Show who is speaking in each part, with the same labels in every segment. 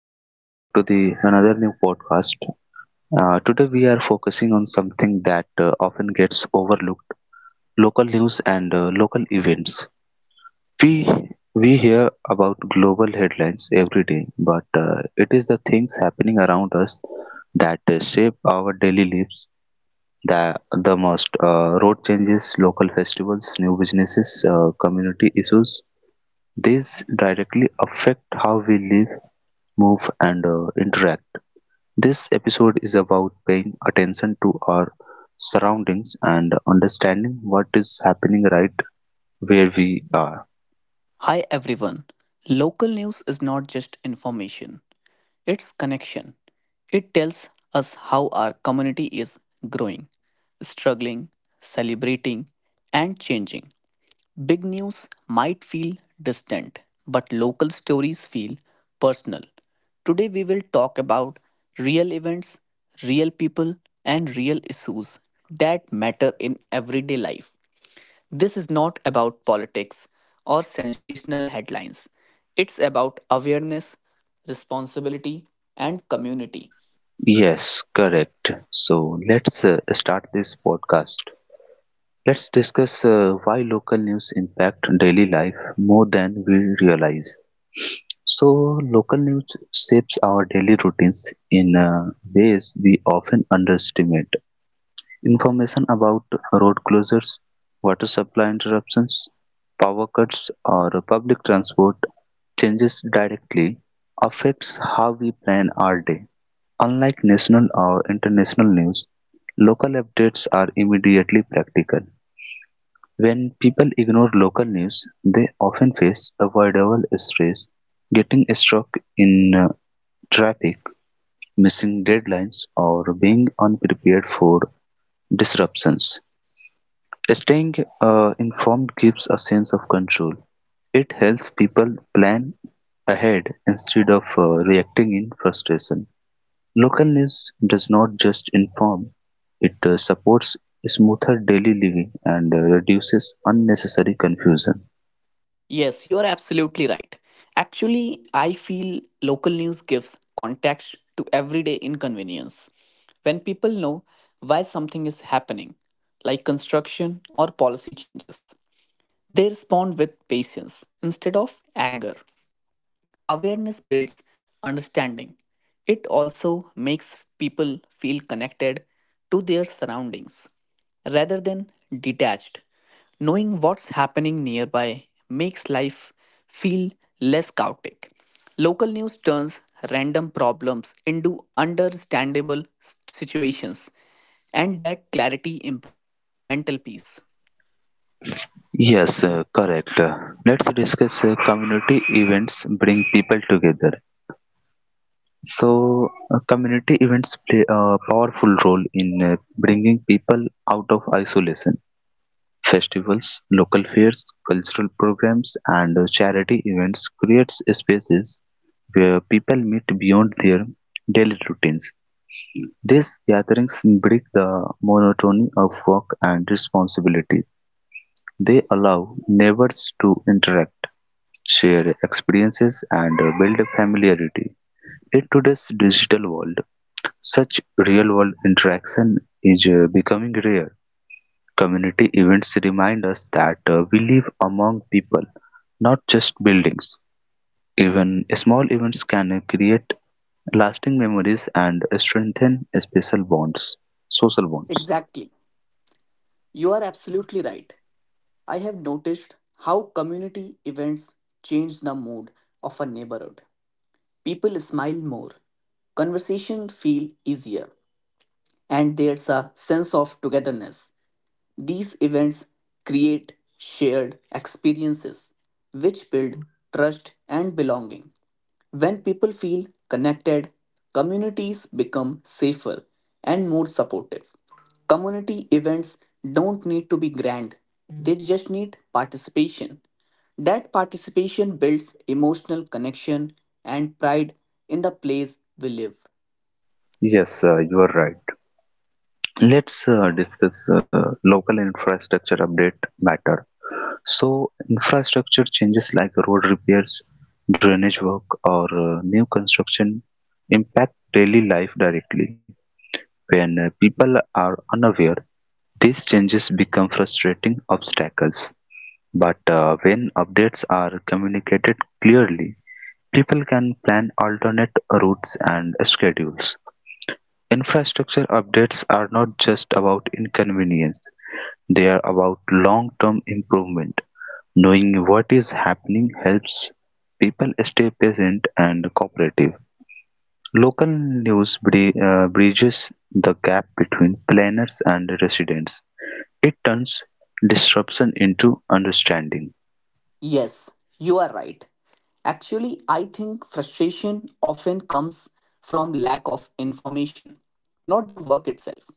Speaker 1: welcome back to the another new podcast. Today we are focusing on something that often gets overlooked: local news and local events. We we hear about global headlines every day, but it is the things happening around us that shape our daily lives. The the most road changes, local festivals, new businesses, community issues. These directly affect how we live, move, and interact. This episode is about paying attention to our surroundings and understanding what is happening right where we are.
Speaker 2: Hi everyone. Local news is not just information, it's connection. It tells us how our community is growing, struggling, celebrating, and changing. Big news might feel distant, but local stories feel personal. Today we will talk about real events, real people, and real issues that matter in everyday life. This is not about politics or sensational headlines. It's about awareness, responsibility, and community.
Speaker 1: Yes, correct. So let's start this podcast. Let's discuss why local news impact daily life more than we realize. So local news shapes our daily routines in ways we often underestimate. Information about road closures, water supply interruptions, power cuts, or public transport changes directly affects how we plan our day. Unlike national or international news, local updates are immediately practical. When people ignore local news, they often face avoidable stress, getting stuck in traffic, missing deadlines, or being unprepared for disruptions. Staying informed gives a sense of control. It helps people plan ahead instead of reacting in frustration. Local news does not just inform, it supports smoother daily living and reduces unnecessary confusion.
Speaker 2: Yes, you are absolutely right. Actually, I feel local news gives context to everyday inconvenience. When people know why something is happening, like construction or policy changes, they respond with patience instead of anger. Awareness builds understanding. It also makes people feel connected to their surroundings rather than detached. Knowing what's happening nearby makes life feel less chaotic. Local news turns random problems into understandable situations, and that clarity improves mental peace.
Speaker 1: Yes, correct. Let's discuss community events bring people together. So, community events play a powerful role in bringing people out of isolation. Festivals, local fairs, cultural programs, and charity events creates spaces where people meet beyond their daily routines. These gatherings break the monotony of work and responsibility. They allow neighbors to interact, share experiences, and build a familiarity. In today's digital world, such real world interaction is becoming rare. Community events remind us that we live among people, not just buildings. Even small events can create lasting memories and strengthen special bonds, social bonds.
Speaker 2: Exactly. You are absolutely right. I have noticed how community events change the mood of a neighborhood. People smile more, conversations feel easier, and there's a sense of togetherness. These events create shared experiences which build trust and belonging. When people feel connected, communities become safer and more supportive. Community events don't need to be grand, they just need participation. That participation builds emotional connection and pride in the place we live.
Speaker 1: Yes, you are right. Let's discuss local infrastructure update matter. So, infrastructure changes like road repairs, drainage work, or new construction impact daily life directly. When people are unaware, these changes become frustrating obstacles, but when updates are communicated clearly, people can plan alternate routes and schedules. Infrastructure updates are not just about inconvenience, they are about long term improvement. Knowing what is happening helps people stay patient and cooperative. Local news bridges the gap between planners and residents. It turns disruption into understanding.
Speaker 2: Yes, you are right. Actually, I think frustration often comes from lack of information, not the work itself.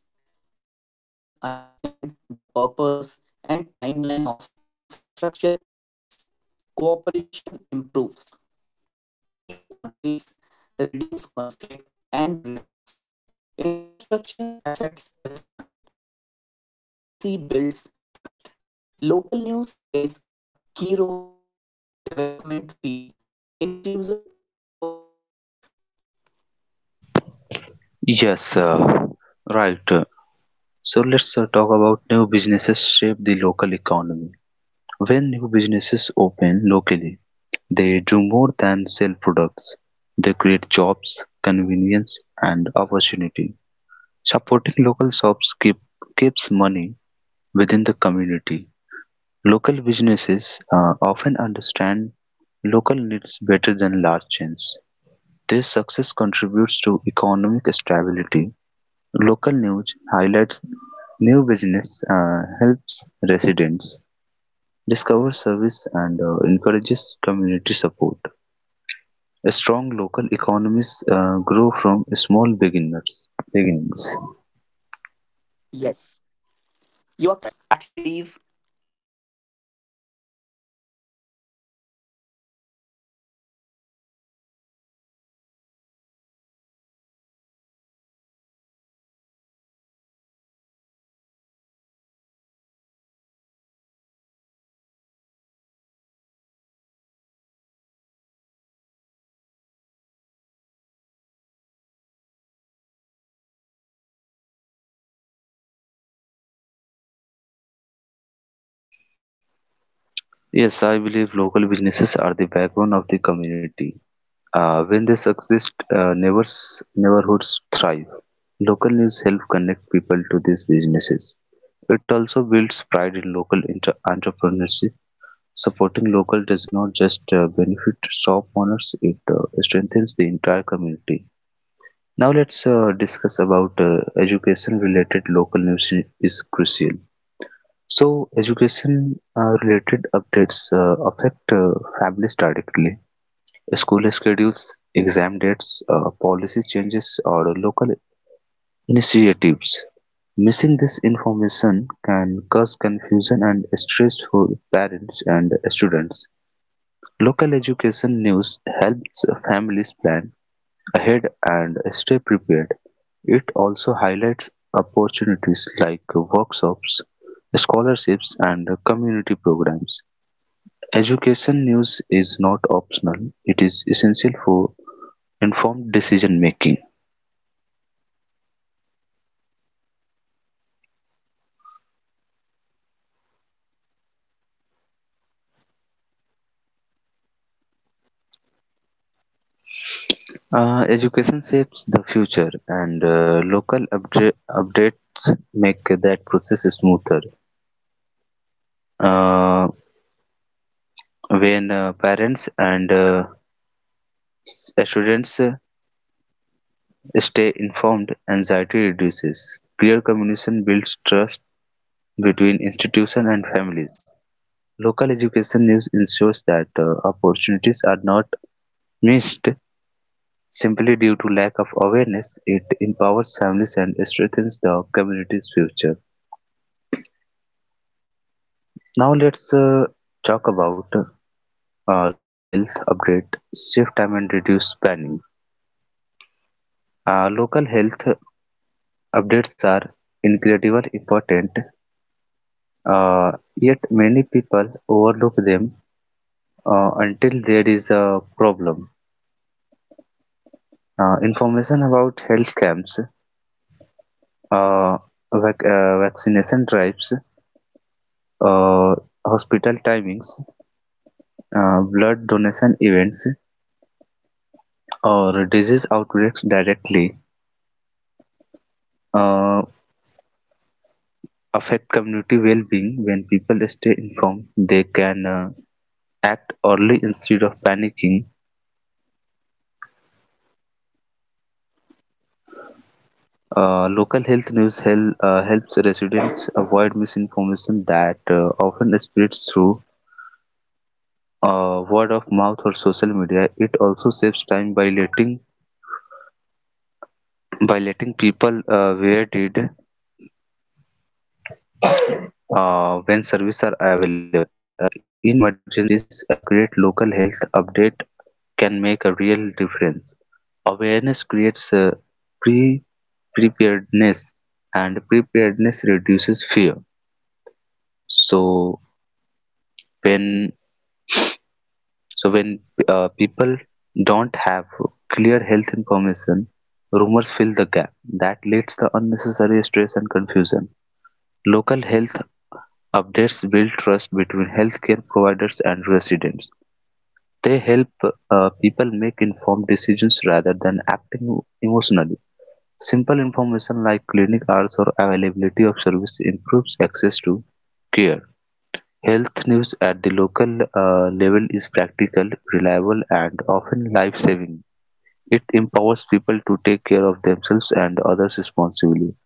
Speaker 2: When people understand the purpose and timeline of infrastructure projects, cooperation improves. Clear updates reduce conflict and rumors. Infrastructure affects everyone, and transparency builds trust. Local news plays a key role in making development feel inclusive instead of imposed.
Speaker 1: Yes, right. So let's talk about new businesses shape the local economy. When new businesses open locally, they do more than sell products. They create jobs, convenience, and opportunity. Supporting local shops keep, keeps money within the community. Local businesses often understand local needs better than large chains. This success contributes to economic stability; local news highlights new businesses, helps residents discover service, and encourages community support. A Strong local economies grow from small beginners beginnings.
Speaker 2: Yes. You are correct. Actually, I believe local businesses are the backbone of any community. When they succeed, neighborhoods thrive. Local news helps connect people to these businesses. It also builds pride in local entrepreneurship. Supporting local doesn't just benefit shop owners, it strengthens the entire community.
Speaker 1: Yes, I believe local businesses are the backbone of the community. When they succeed, uh, neighbors, neighborhoods thrive. Local news help connect people to these businesses. It also builds pride in local entrepreneurship. Supporting local does not just benefit shop owners, it strengthens the entire community. Now let's discuss about education related local is crucial. So education related updates affect families directly. School schedules, exam dates, policy changes or local initiatives. Missing this information can cause confusion and stress for parents and students. Local education news helps families plan ahead and stay prepared. It also highlights opportunities like workshops, scholarships, and community programs. Education news is not optional, it is essential for informed decision making. Education shapes the future, and local updates make that process smoother. Uh, when parents and students stay informed, anxiety reduces. Clear communication builds trust between institutions and families. Local education news ensures that opportunities are not missed simply due to lack of awareness. It empowers families and strengthens the community's future. Now let's talk about local health update, save time and reduce spending. Local health updates are incredibly important, uh, yet many people overlook them until there is a problem. Information about health camps, uh, vaccination drives, uh, hospital timings, blood donation events, or disease outbreaks directly. Uh, Affect community well-being when people stay informed they can act early instead of panicking. Local health news helps residents avoid misinformation that often spreads through word of mouth or social media. It also saves time by letting people where did when services are available uh, in emergencies. Accurate local health update can make a real difference. Awareness creates pre preparedness, and preparedness reduces fear. So when so when uh, people don't have clear health information, rumors fill the gap. That leads to unnecessary stress and confusion. Local health updates build trust between healthcare providers and residents. They help people make informed decisions rather than acting emotionally. Simple information like clinic hours or availability of service improves access to care. Health news at the local level is practical, reliable, and often life-saving. It empowers people to take care of themselves and others responsibly.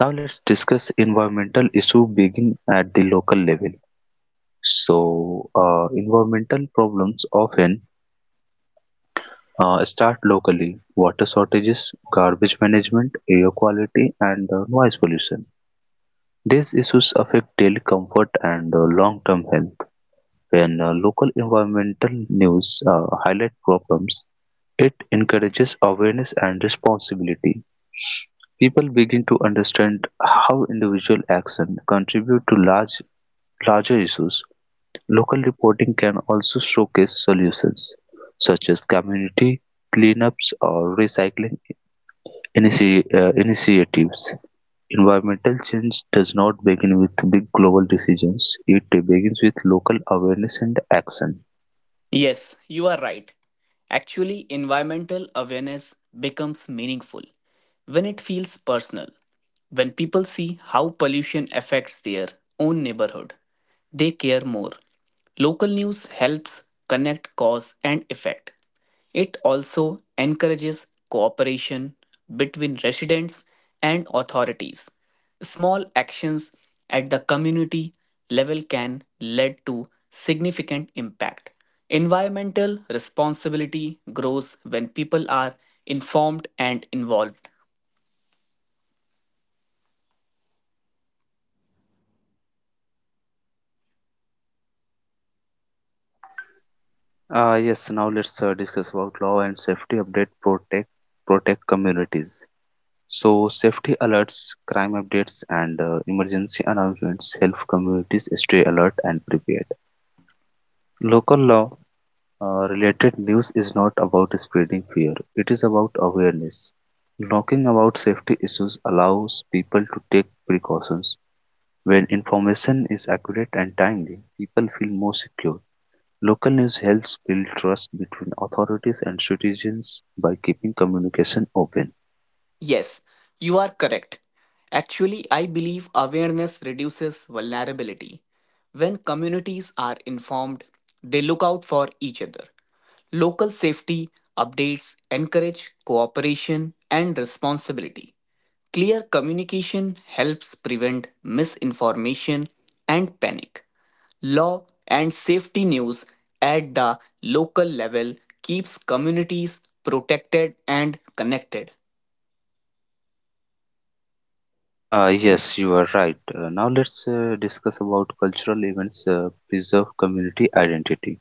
Speaker 1: Now let's discuss environmental issue begin at the local level. So, environmental problems often start locally. Water shortages, garbage management, air quality, and noise pollution. These issues affect daily comfort and long-term health. When local environmental news highlight problems, it encourages awareness and responsibility. People begin to understand how individual action contribute to larger issues. Local reporting can also showcase solutions such as community cleanups or recycling initiatives. Environmental change does not begin with big global decisions. It begins with local awareness and action.
Speaker 3: Yes, you are right. Actually, environmental awareness becomes meaningful when it feels personal. When people see how pollution affects their own neighborhood, they care more. Local news helps connect cause and effect. It also encourages cooperation between residents and authorities. Small actions at the community level can lead to significant impact. Environmental responsibility grows when people are informed and involved.
Speaker 1: Yes, now let's discuss about law and safety update protect communities. So safety alerts, crime updates, and emergency announcements help communities stay alert and prepared. Local law related news is not about spreading fear; it is about awareness. Knowing about safety issues allows people to take precautions. When information is accurate and timely, people feel more secure. Local news helps build trust between authorities and citizens by keeping communication open.
Speaker 3: Yes, you are correct. Actually, I believe awareness reduces vulnerability. When communities are informed, they look out for each other. Local safety updates encourage cooperation and responsibility. Clear communication helps prevent misinformation and panic. Law and safety news at the local level keeps communities protected and connected.
Speaker 1: Yes, you are right. Now let's discuss about cultural events preserve community identity.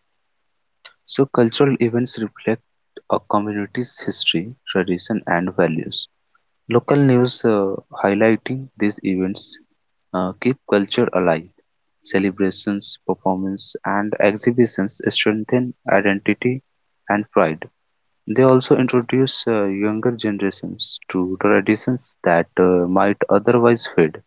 Speaker 1: So cultural events reflect a community's history, tradition, and values. Local news highlighting these events keep culture alive. Celebrations, performances, and exhibitions strengthen identity and pride. They also introduce younger generations to traditions that might otherwise fade.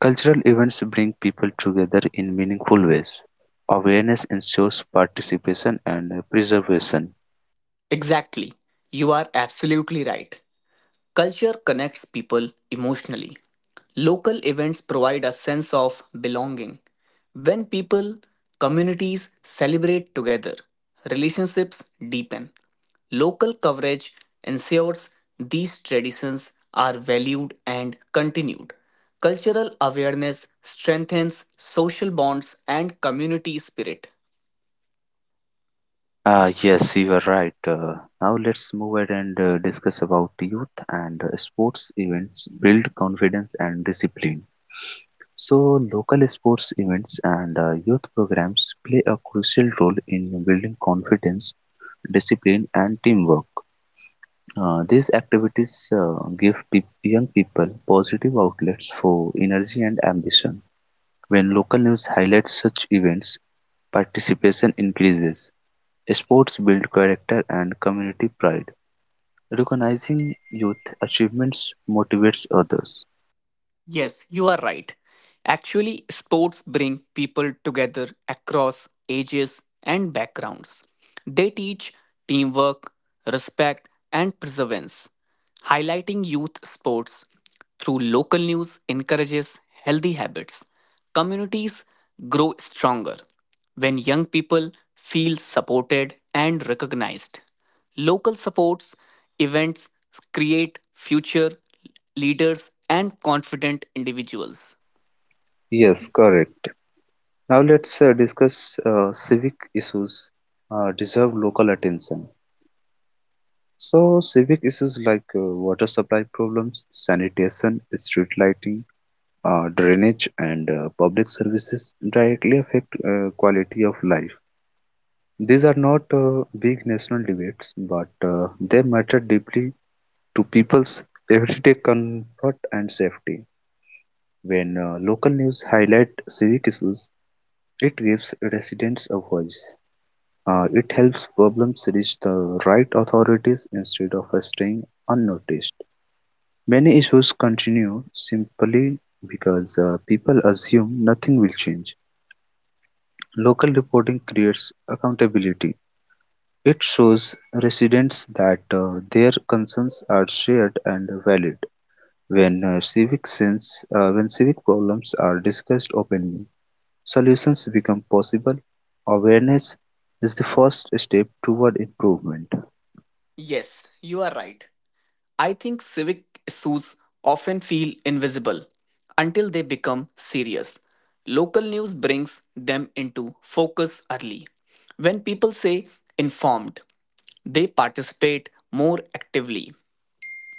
Speaker 1: Cultural events bring people together in meaningful ways. Awareness ensures participation and preservation.
Speaker 3: Exactly. You are absolutely right. Culture connects people emotionally. Local events provide a sense of belonging. When people, communities celebrate together, relationships deepen. Local coverage ensures these traditions are valued and continued. Cultural awareness strengthens social bonds and community spirit.
Speaker 1: Ah, yes, you are right. Now let's move ahead and discuss about youth and sports events build confidence and discipline. So, local sports events and youth programs play a crucial role in building confidence discipline, and teamwork. These activities give young people positive outlets for energy and ambition. When local news highlights such events, participation increases. Sports build character and community pride. Recognizing youth achievements motivates others.
Speaker 3: Yes, you are right. Actually, sports bring people together across ages and backgrounds. They teach teamwork, respect, and perseverance. Highlighting youth sports through local news encourages healthy habits. Communities grow stronger when young people feel supported and recognized. Local supports events create future leaders, and confident individuals.
Speaker 1: Yes, correct. Now let's discuss civic issues deserve local attention. So civic issues like water supply problems, sanitation, street lighting, drainage, and public services directly affect quality of life. These are not big national debates, but they matter deeply to people's everyday comfort and safety. When local news highlight civic issues, it gives residents a voice. It helps problems reach the right authorities instead of staying unnoticed. Many issues continue simply because people assume nothing will change. Local reporting creates accountability. It shows residents that their concerns are shared and valid. When civic problems are discussed openly, solutions become possible. Awareness is the first step toward improvement.
Speaker 3: Yes, you are right. I think civic issues often feel invisible until they become serious. Local news brings them into focus early. When people say informed, they participate more actively.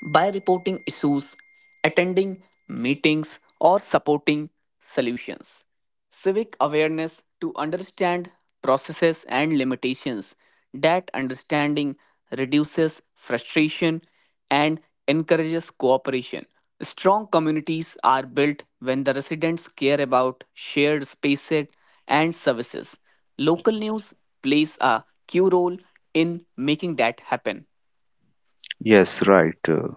Speaker 3: By reporting issues, attending meetings, or supporting solutions. Civic awareness to understand processes and limitations. That understanding reduces frustration and encourages cooperation. Strong communities are built when the residents care about shared spaces and services. Local news plays a key role in making that happen.
Speaker 1: Yes, right.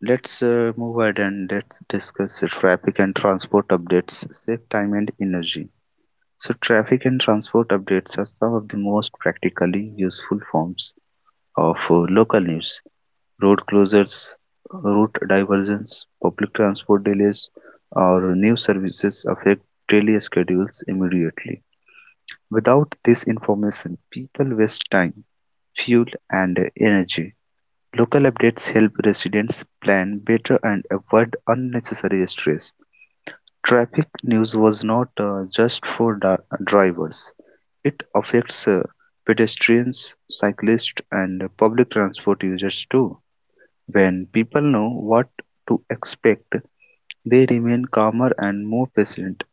Speaker 1: Let's move ahead and let's discuss the traffic and transport updates, save time and energy. So, traffic and transport updates are some of the most practically useful forms of local news. Road closures, route diversions, public transport delays, or new services affect daily schedules immediately. Without this information, people waste time, fuel, and energy. Local updates help residents plan better and avoid unnecessary stress. Traffic news was not drivers. It affects pedestrians, cyclists and public transport users too. When people know what to expect, they remain calmer and more patient.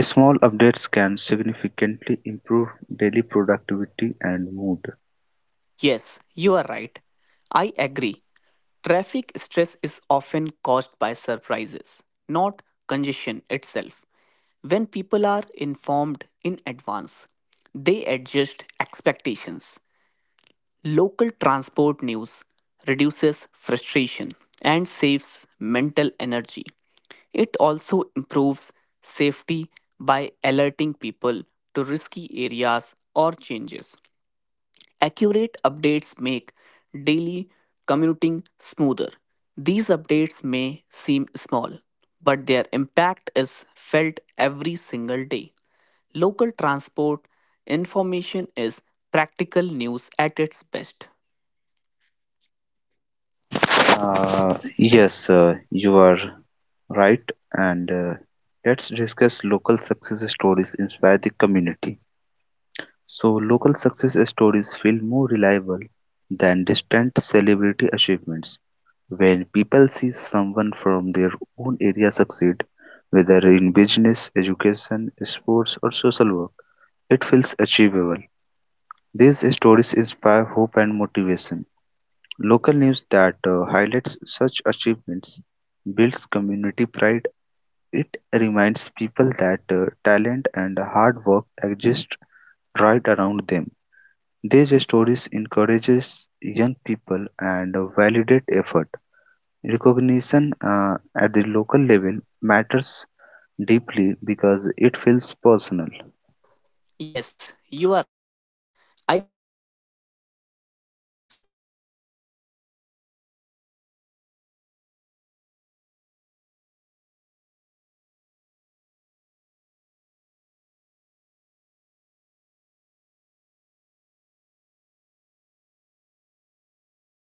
Speaker 1: Small updates can significantly improve daily productivity and mood.
Speaker 3: Yes, you are right. I agree. Traffic stress is often caused by surprises, not congestion itself. When people are informed in advance, they adjust expectations. Local transport news reduces frustration and saves mental energy. It also improves safety by alerting people to risky areas or changes. Accurate updates make daily commuting smoother. These updates may seem small, but their impact is felt every single day. Local transport information is practical news at its best.
Speaker 1: Yes, you are right. And let's discuss local success stories inspire the community. So, local success stories feel more reliable than distant celebrity achievements. When people see someone from their own area succeed, whether in business, education, sports, or social work, it feels achievable. These stories inspire hope and motivation. Local news that highlights such achievements builds community pride, it reminds people that talent and hard work exist right around them. These stories encourages young people and validate effort. Recognition at the local level matters deeply because it feels personal.
Speaker 3: Yes, you are right. I believe local success stories create positive energy. They shift focus from problems to possibilities. When people see familiar faces achieving something meaningful, it builds confidence across the community.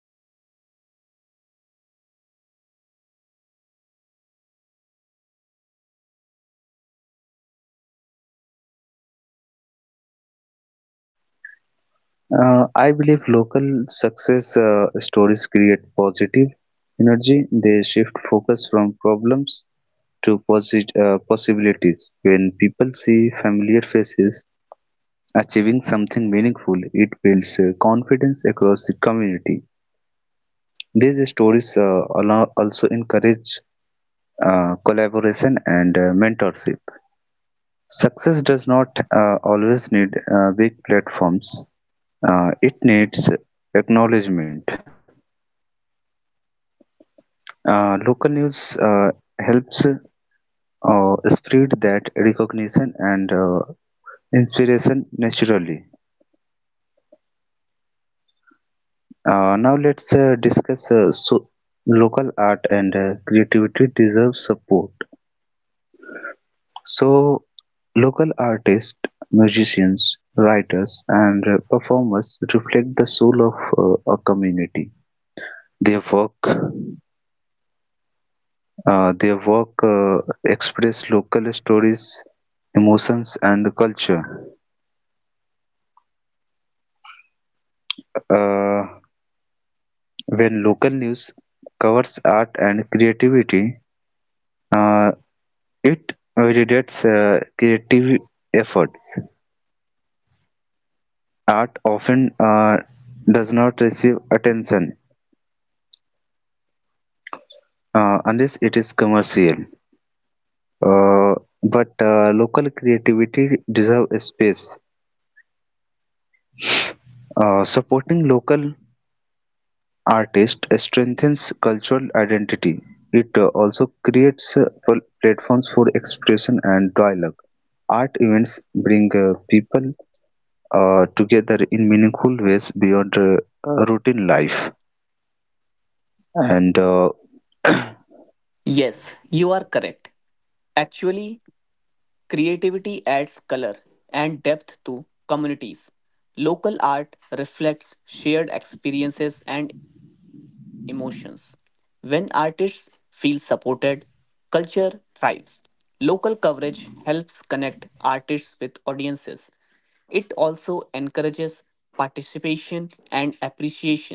Speaker 3: These stories also encourage collaboration and mentorship. Success doesn't always need big platforms. It needs acknowledgement. Local
Speaker 1: Uh,
Speaker 3: news
Speaker 1: I believe
Speaker 3: helps spread
Speaker 1: local
Speaker 3: that
Speaker 1: success
Speaker 3: recognition
Speaker 1: stories create
Speaker 3: and
Speaker 1: positive
Speaker 3: inspiration
Speaker 1: energy.
Speaker 3: naturally.
Speaker 1: They shift focus from problems to possibilities. When people see familiar faces achieving something meaningful, it builds confidence across the community. These stories also encourage collaboration and mentorship. Success does not always need big platforms, it needs acknowledgement. Local news helps spread that recognition and inspiration naturally. Now let's discuss local art and creativity deserve support. So local artists, musicians, writers, and performers reflect the soul of a community. Their work, their work express local stories, emotions, and culture. Uh, when local news covers art and creativity, uh, it validates creative efforts. Art often does not receive attention unless it is commercial. Uh, but local creativity deserves a space. Supporting local artists strengthens cultural identity. It also creates platforms for expression and dialogue. Art events bring people together in meaningful ways beyond routine life. And
Speaker 3: Yes, you are correct. Actually, creativity adds color and depth to communities. Local art reflects shared experiences and emotions. When artists feel supported, culture thrives. Local coverage helps connect artists with audiences. It also encourages participation and appreciation.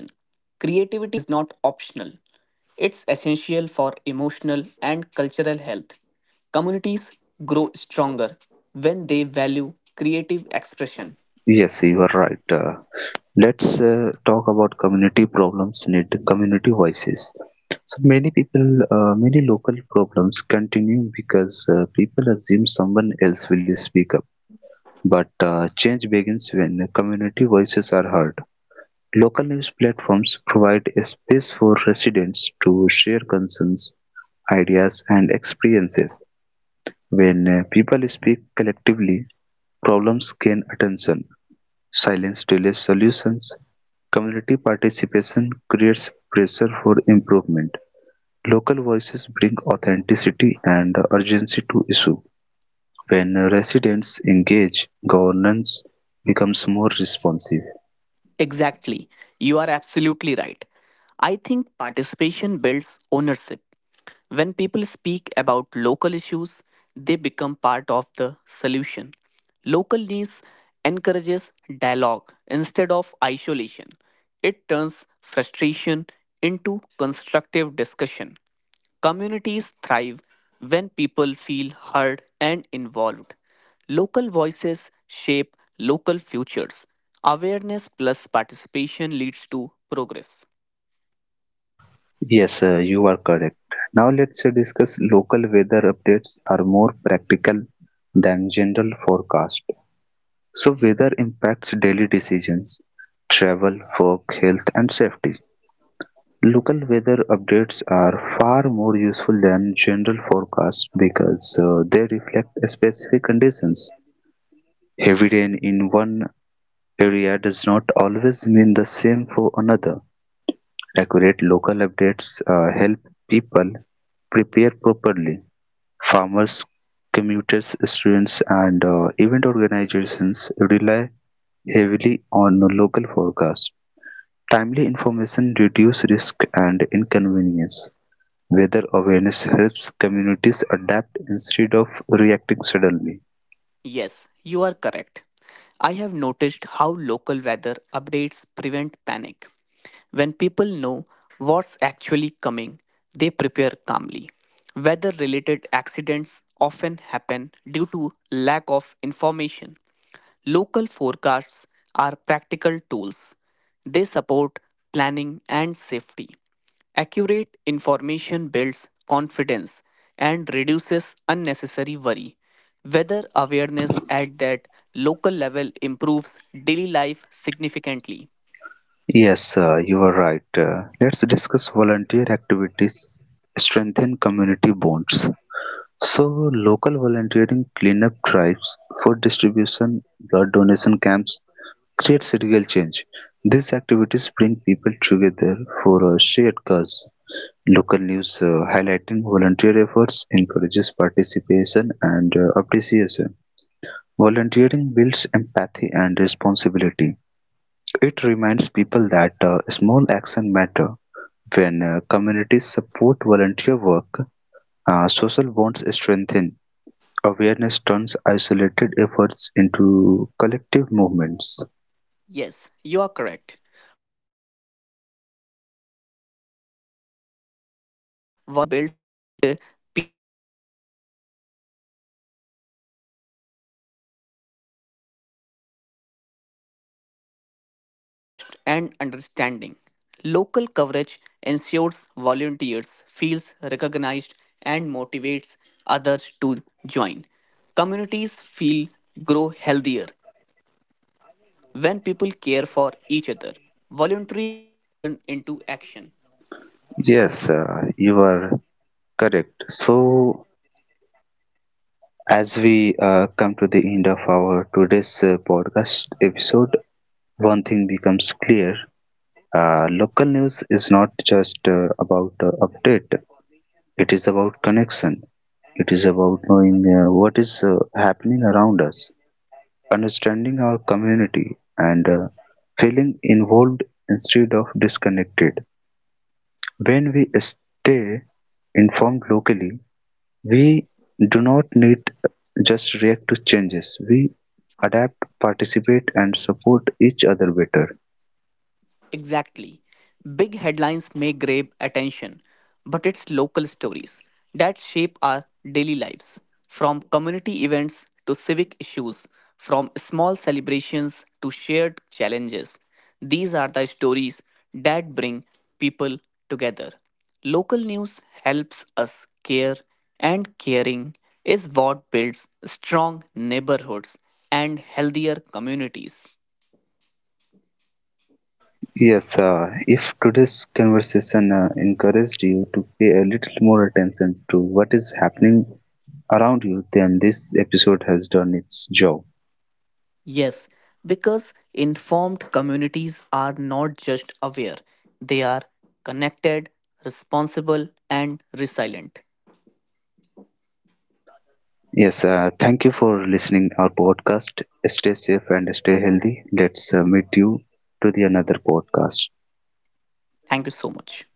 Speaker 3: Creativity is not optional, it's essential for emotional and cultural health. Communities grow stronger when they value creative
Speaker 1: Yes,
Speaker 3: expression.
Speaker 1: you are right. Let's talk about community problems need community voices. Many local problems continue because people assume someone else will speak up. But change begins when community voices are heard. Local news platforms provide a space for residents to share concerns, ideas, and experiences. When people speak collectively, problems gain attention. Silence delays solutions, community participation creates pressure for improvement; local voices bring authenticity and urgency to issues. When residents engage, governance becomes more responsive.
Speaker 3: Exactly. You are absolutely right. I think participation builds ownership. When people speak about local issues, they become part of the solution. Local news encourages dialogue instead of isolation. It turns frustration into constructive discussion. Communities thrive when people feel heard and involved. Local voices shape local futures. Awareness plus participation leads to progress.
Speaker 1: Yes, you are correct. Now let's discuss local weather updates are more practical than general forecast. So weather impacts daily decisions, travel, work, health and safety. Local weather updates are far more useful than general forecasts because they reflect specific conditions. Heavy rain in one area does not always mean the same for another. Accurate local updates help people prepare properly. Farmers, commuters, students, and event organizations rely heavily on local forecasts. Timely information reduces risk and inconvenience. Weather awareness helps communities adapt instead of reacting suddenly.
Speaker 3: Yes, you are correct. I have noticed how local weather updates prevent panic. When people know what's actually coming, they prepare calmly. Weather related accidents often happen due to lack of information. Local forecasts are practical tools. They support planning and safety. Accurate information builds confidence and reduces unnecessary worry. Weather awareness at that local level improves daily life significantly.
Speaker 1: Yes, you are right. Let's discuss volunteer activities strengthen community bonds. So, local volunteering, cleanup drives, food distribution, blood donation camps creates real change. These activities bring people together for a shared cause. Local news highlighting volunteer efforts encourages participation and appreciation. Volunteering builds empathy and responsibility. It reminds people that small actions matter. When communities support volunteer work, social bonds strengthen. Awareness turns isolated efforts into collective movements.
Speaker 3: Yes, you are correct. Volunteering builds people also meet across age, profession, and background. These shared efforts create trust and understanding. Local coverage ensures volunteers feels recognized and motivates others to join. Communities feel grow healthier when people care for each other. Volunteering turns concern into action.
Speaker 1: Yes, you are correct. So, as we come to the end of our today's podcast episode, one thing becomes clear local news is not just about update. It is about connection. It is about knowing what is happening around us, understanding our community, and feeling involved instead of disconnected. When we stay informed locally, we do not need just react to changes. We adapt, participate, and support each other better.
Speaker 3: Exactly. Big headlines may grab attention, but it's local stories that shape our daily lives. From community events to civic issues, from small celebrations to shared challenges, these are the stories that bring people together. Local news helps us care, and caring is what builds strong neighborhoods and healthier communities.
Speaker 1: Yes, if today's conversation encouraged you to pay a little more attention to what is happening around you, then this episode has done its job.
Speaker 3: Yes, because informed communities are not just aware, they are connected, responsible, and resilient.
Speaker 1: Yes, thank you for listening our podcast. Stay safe and stay healthy. Let's meet you to the another podcast.
Speaker 3: Thank you so much.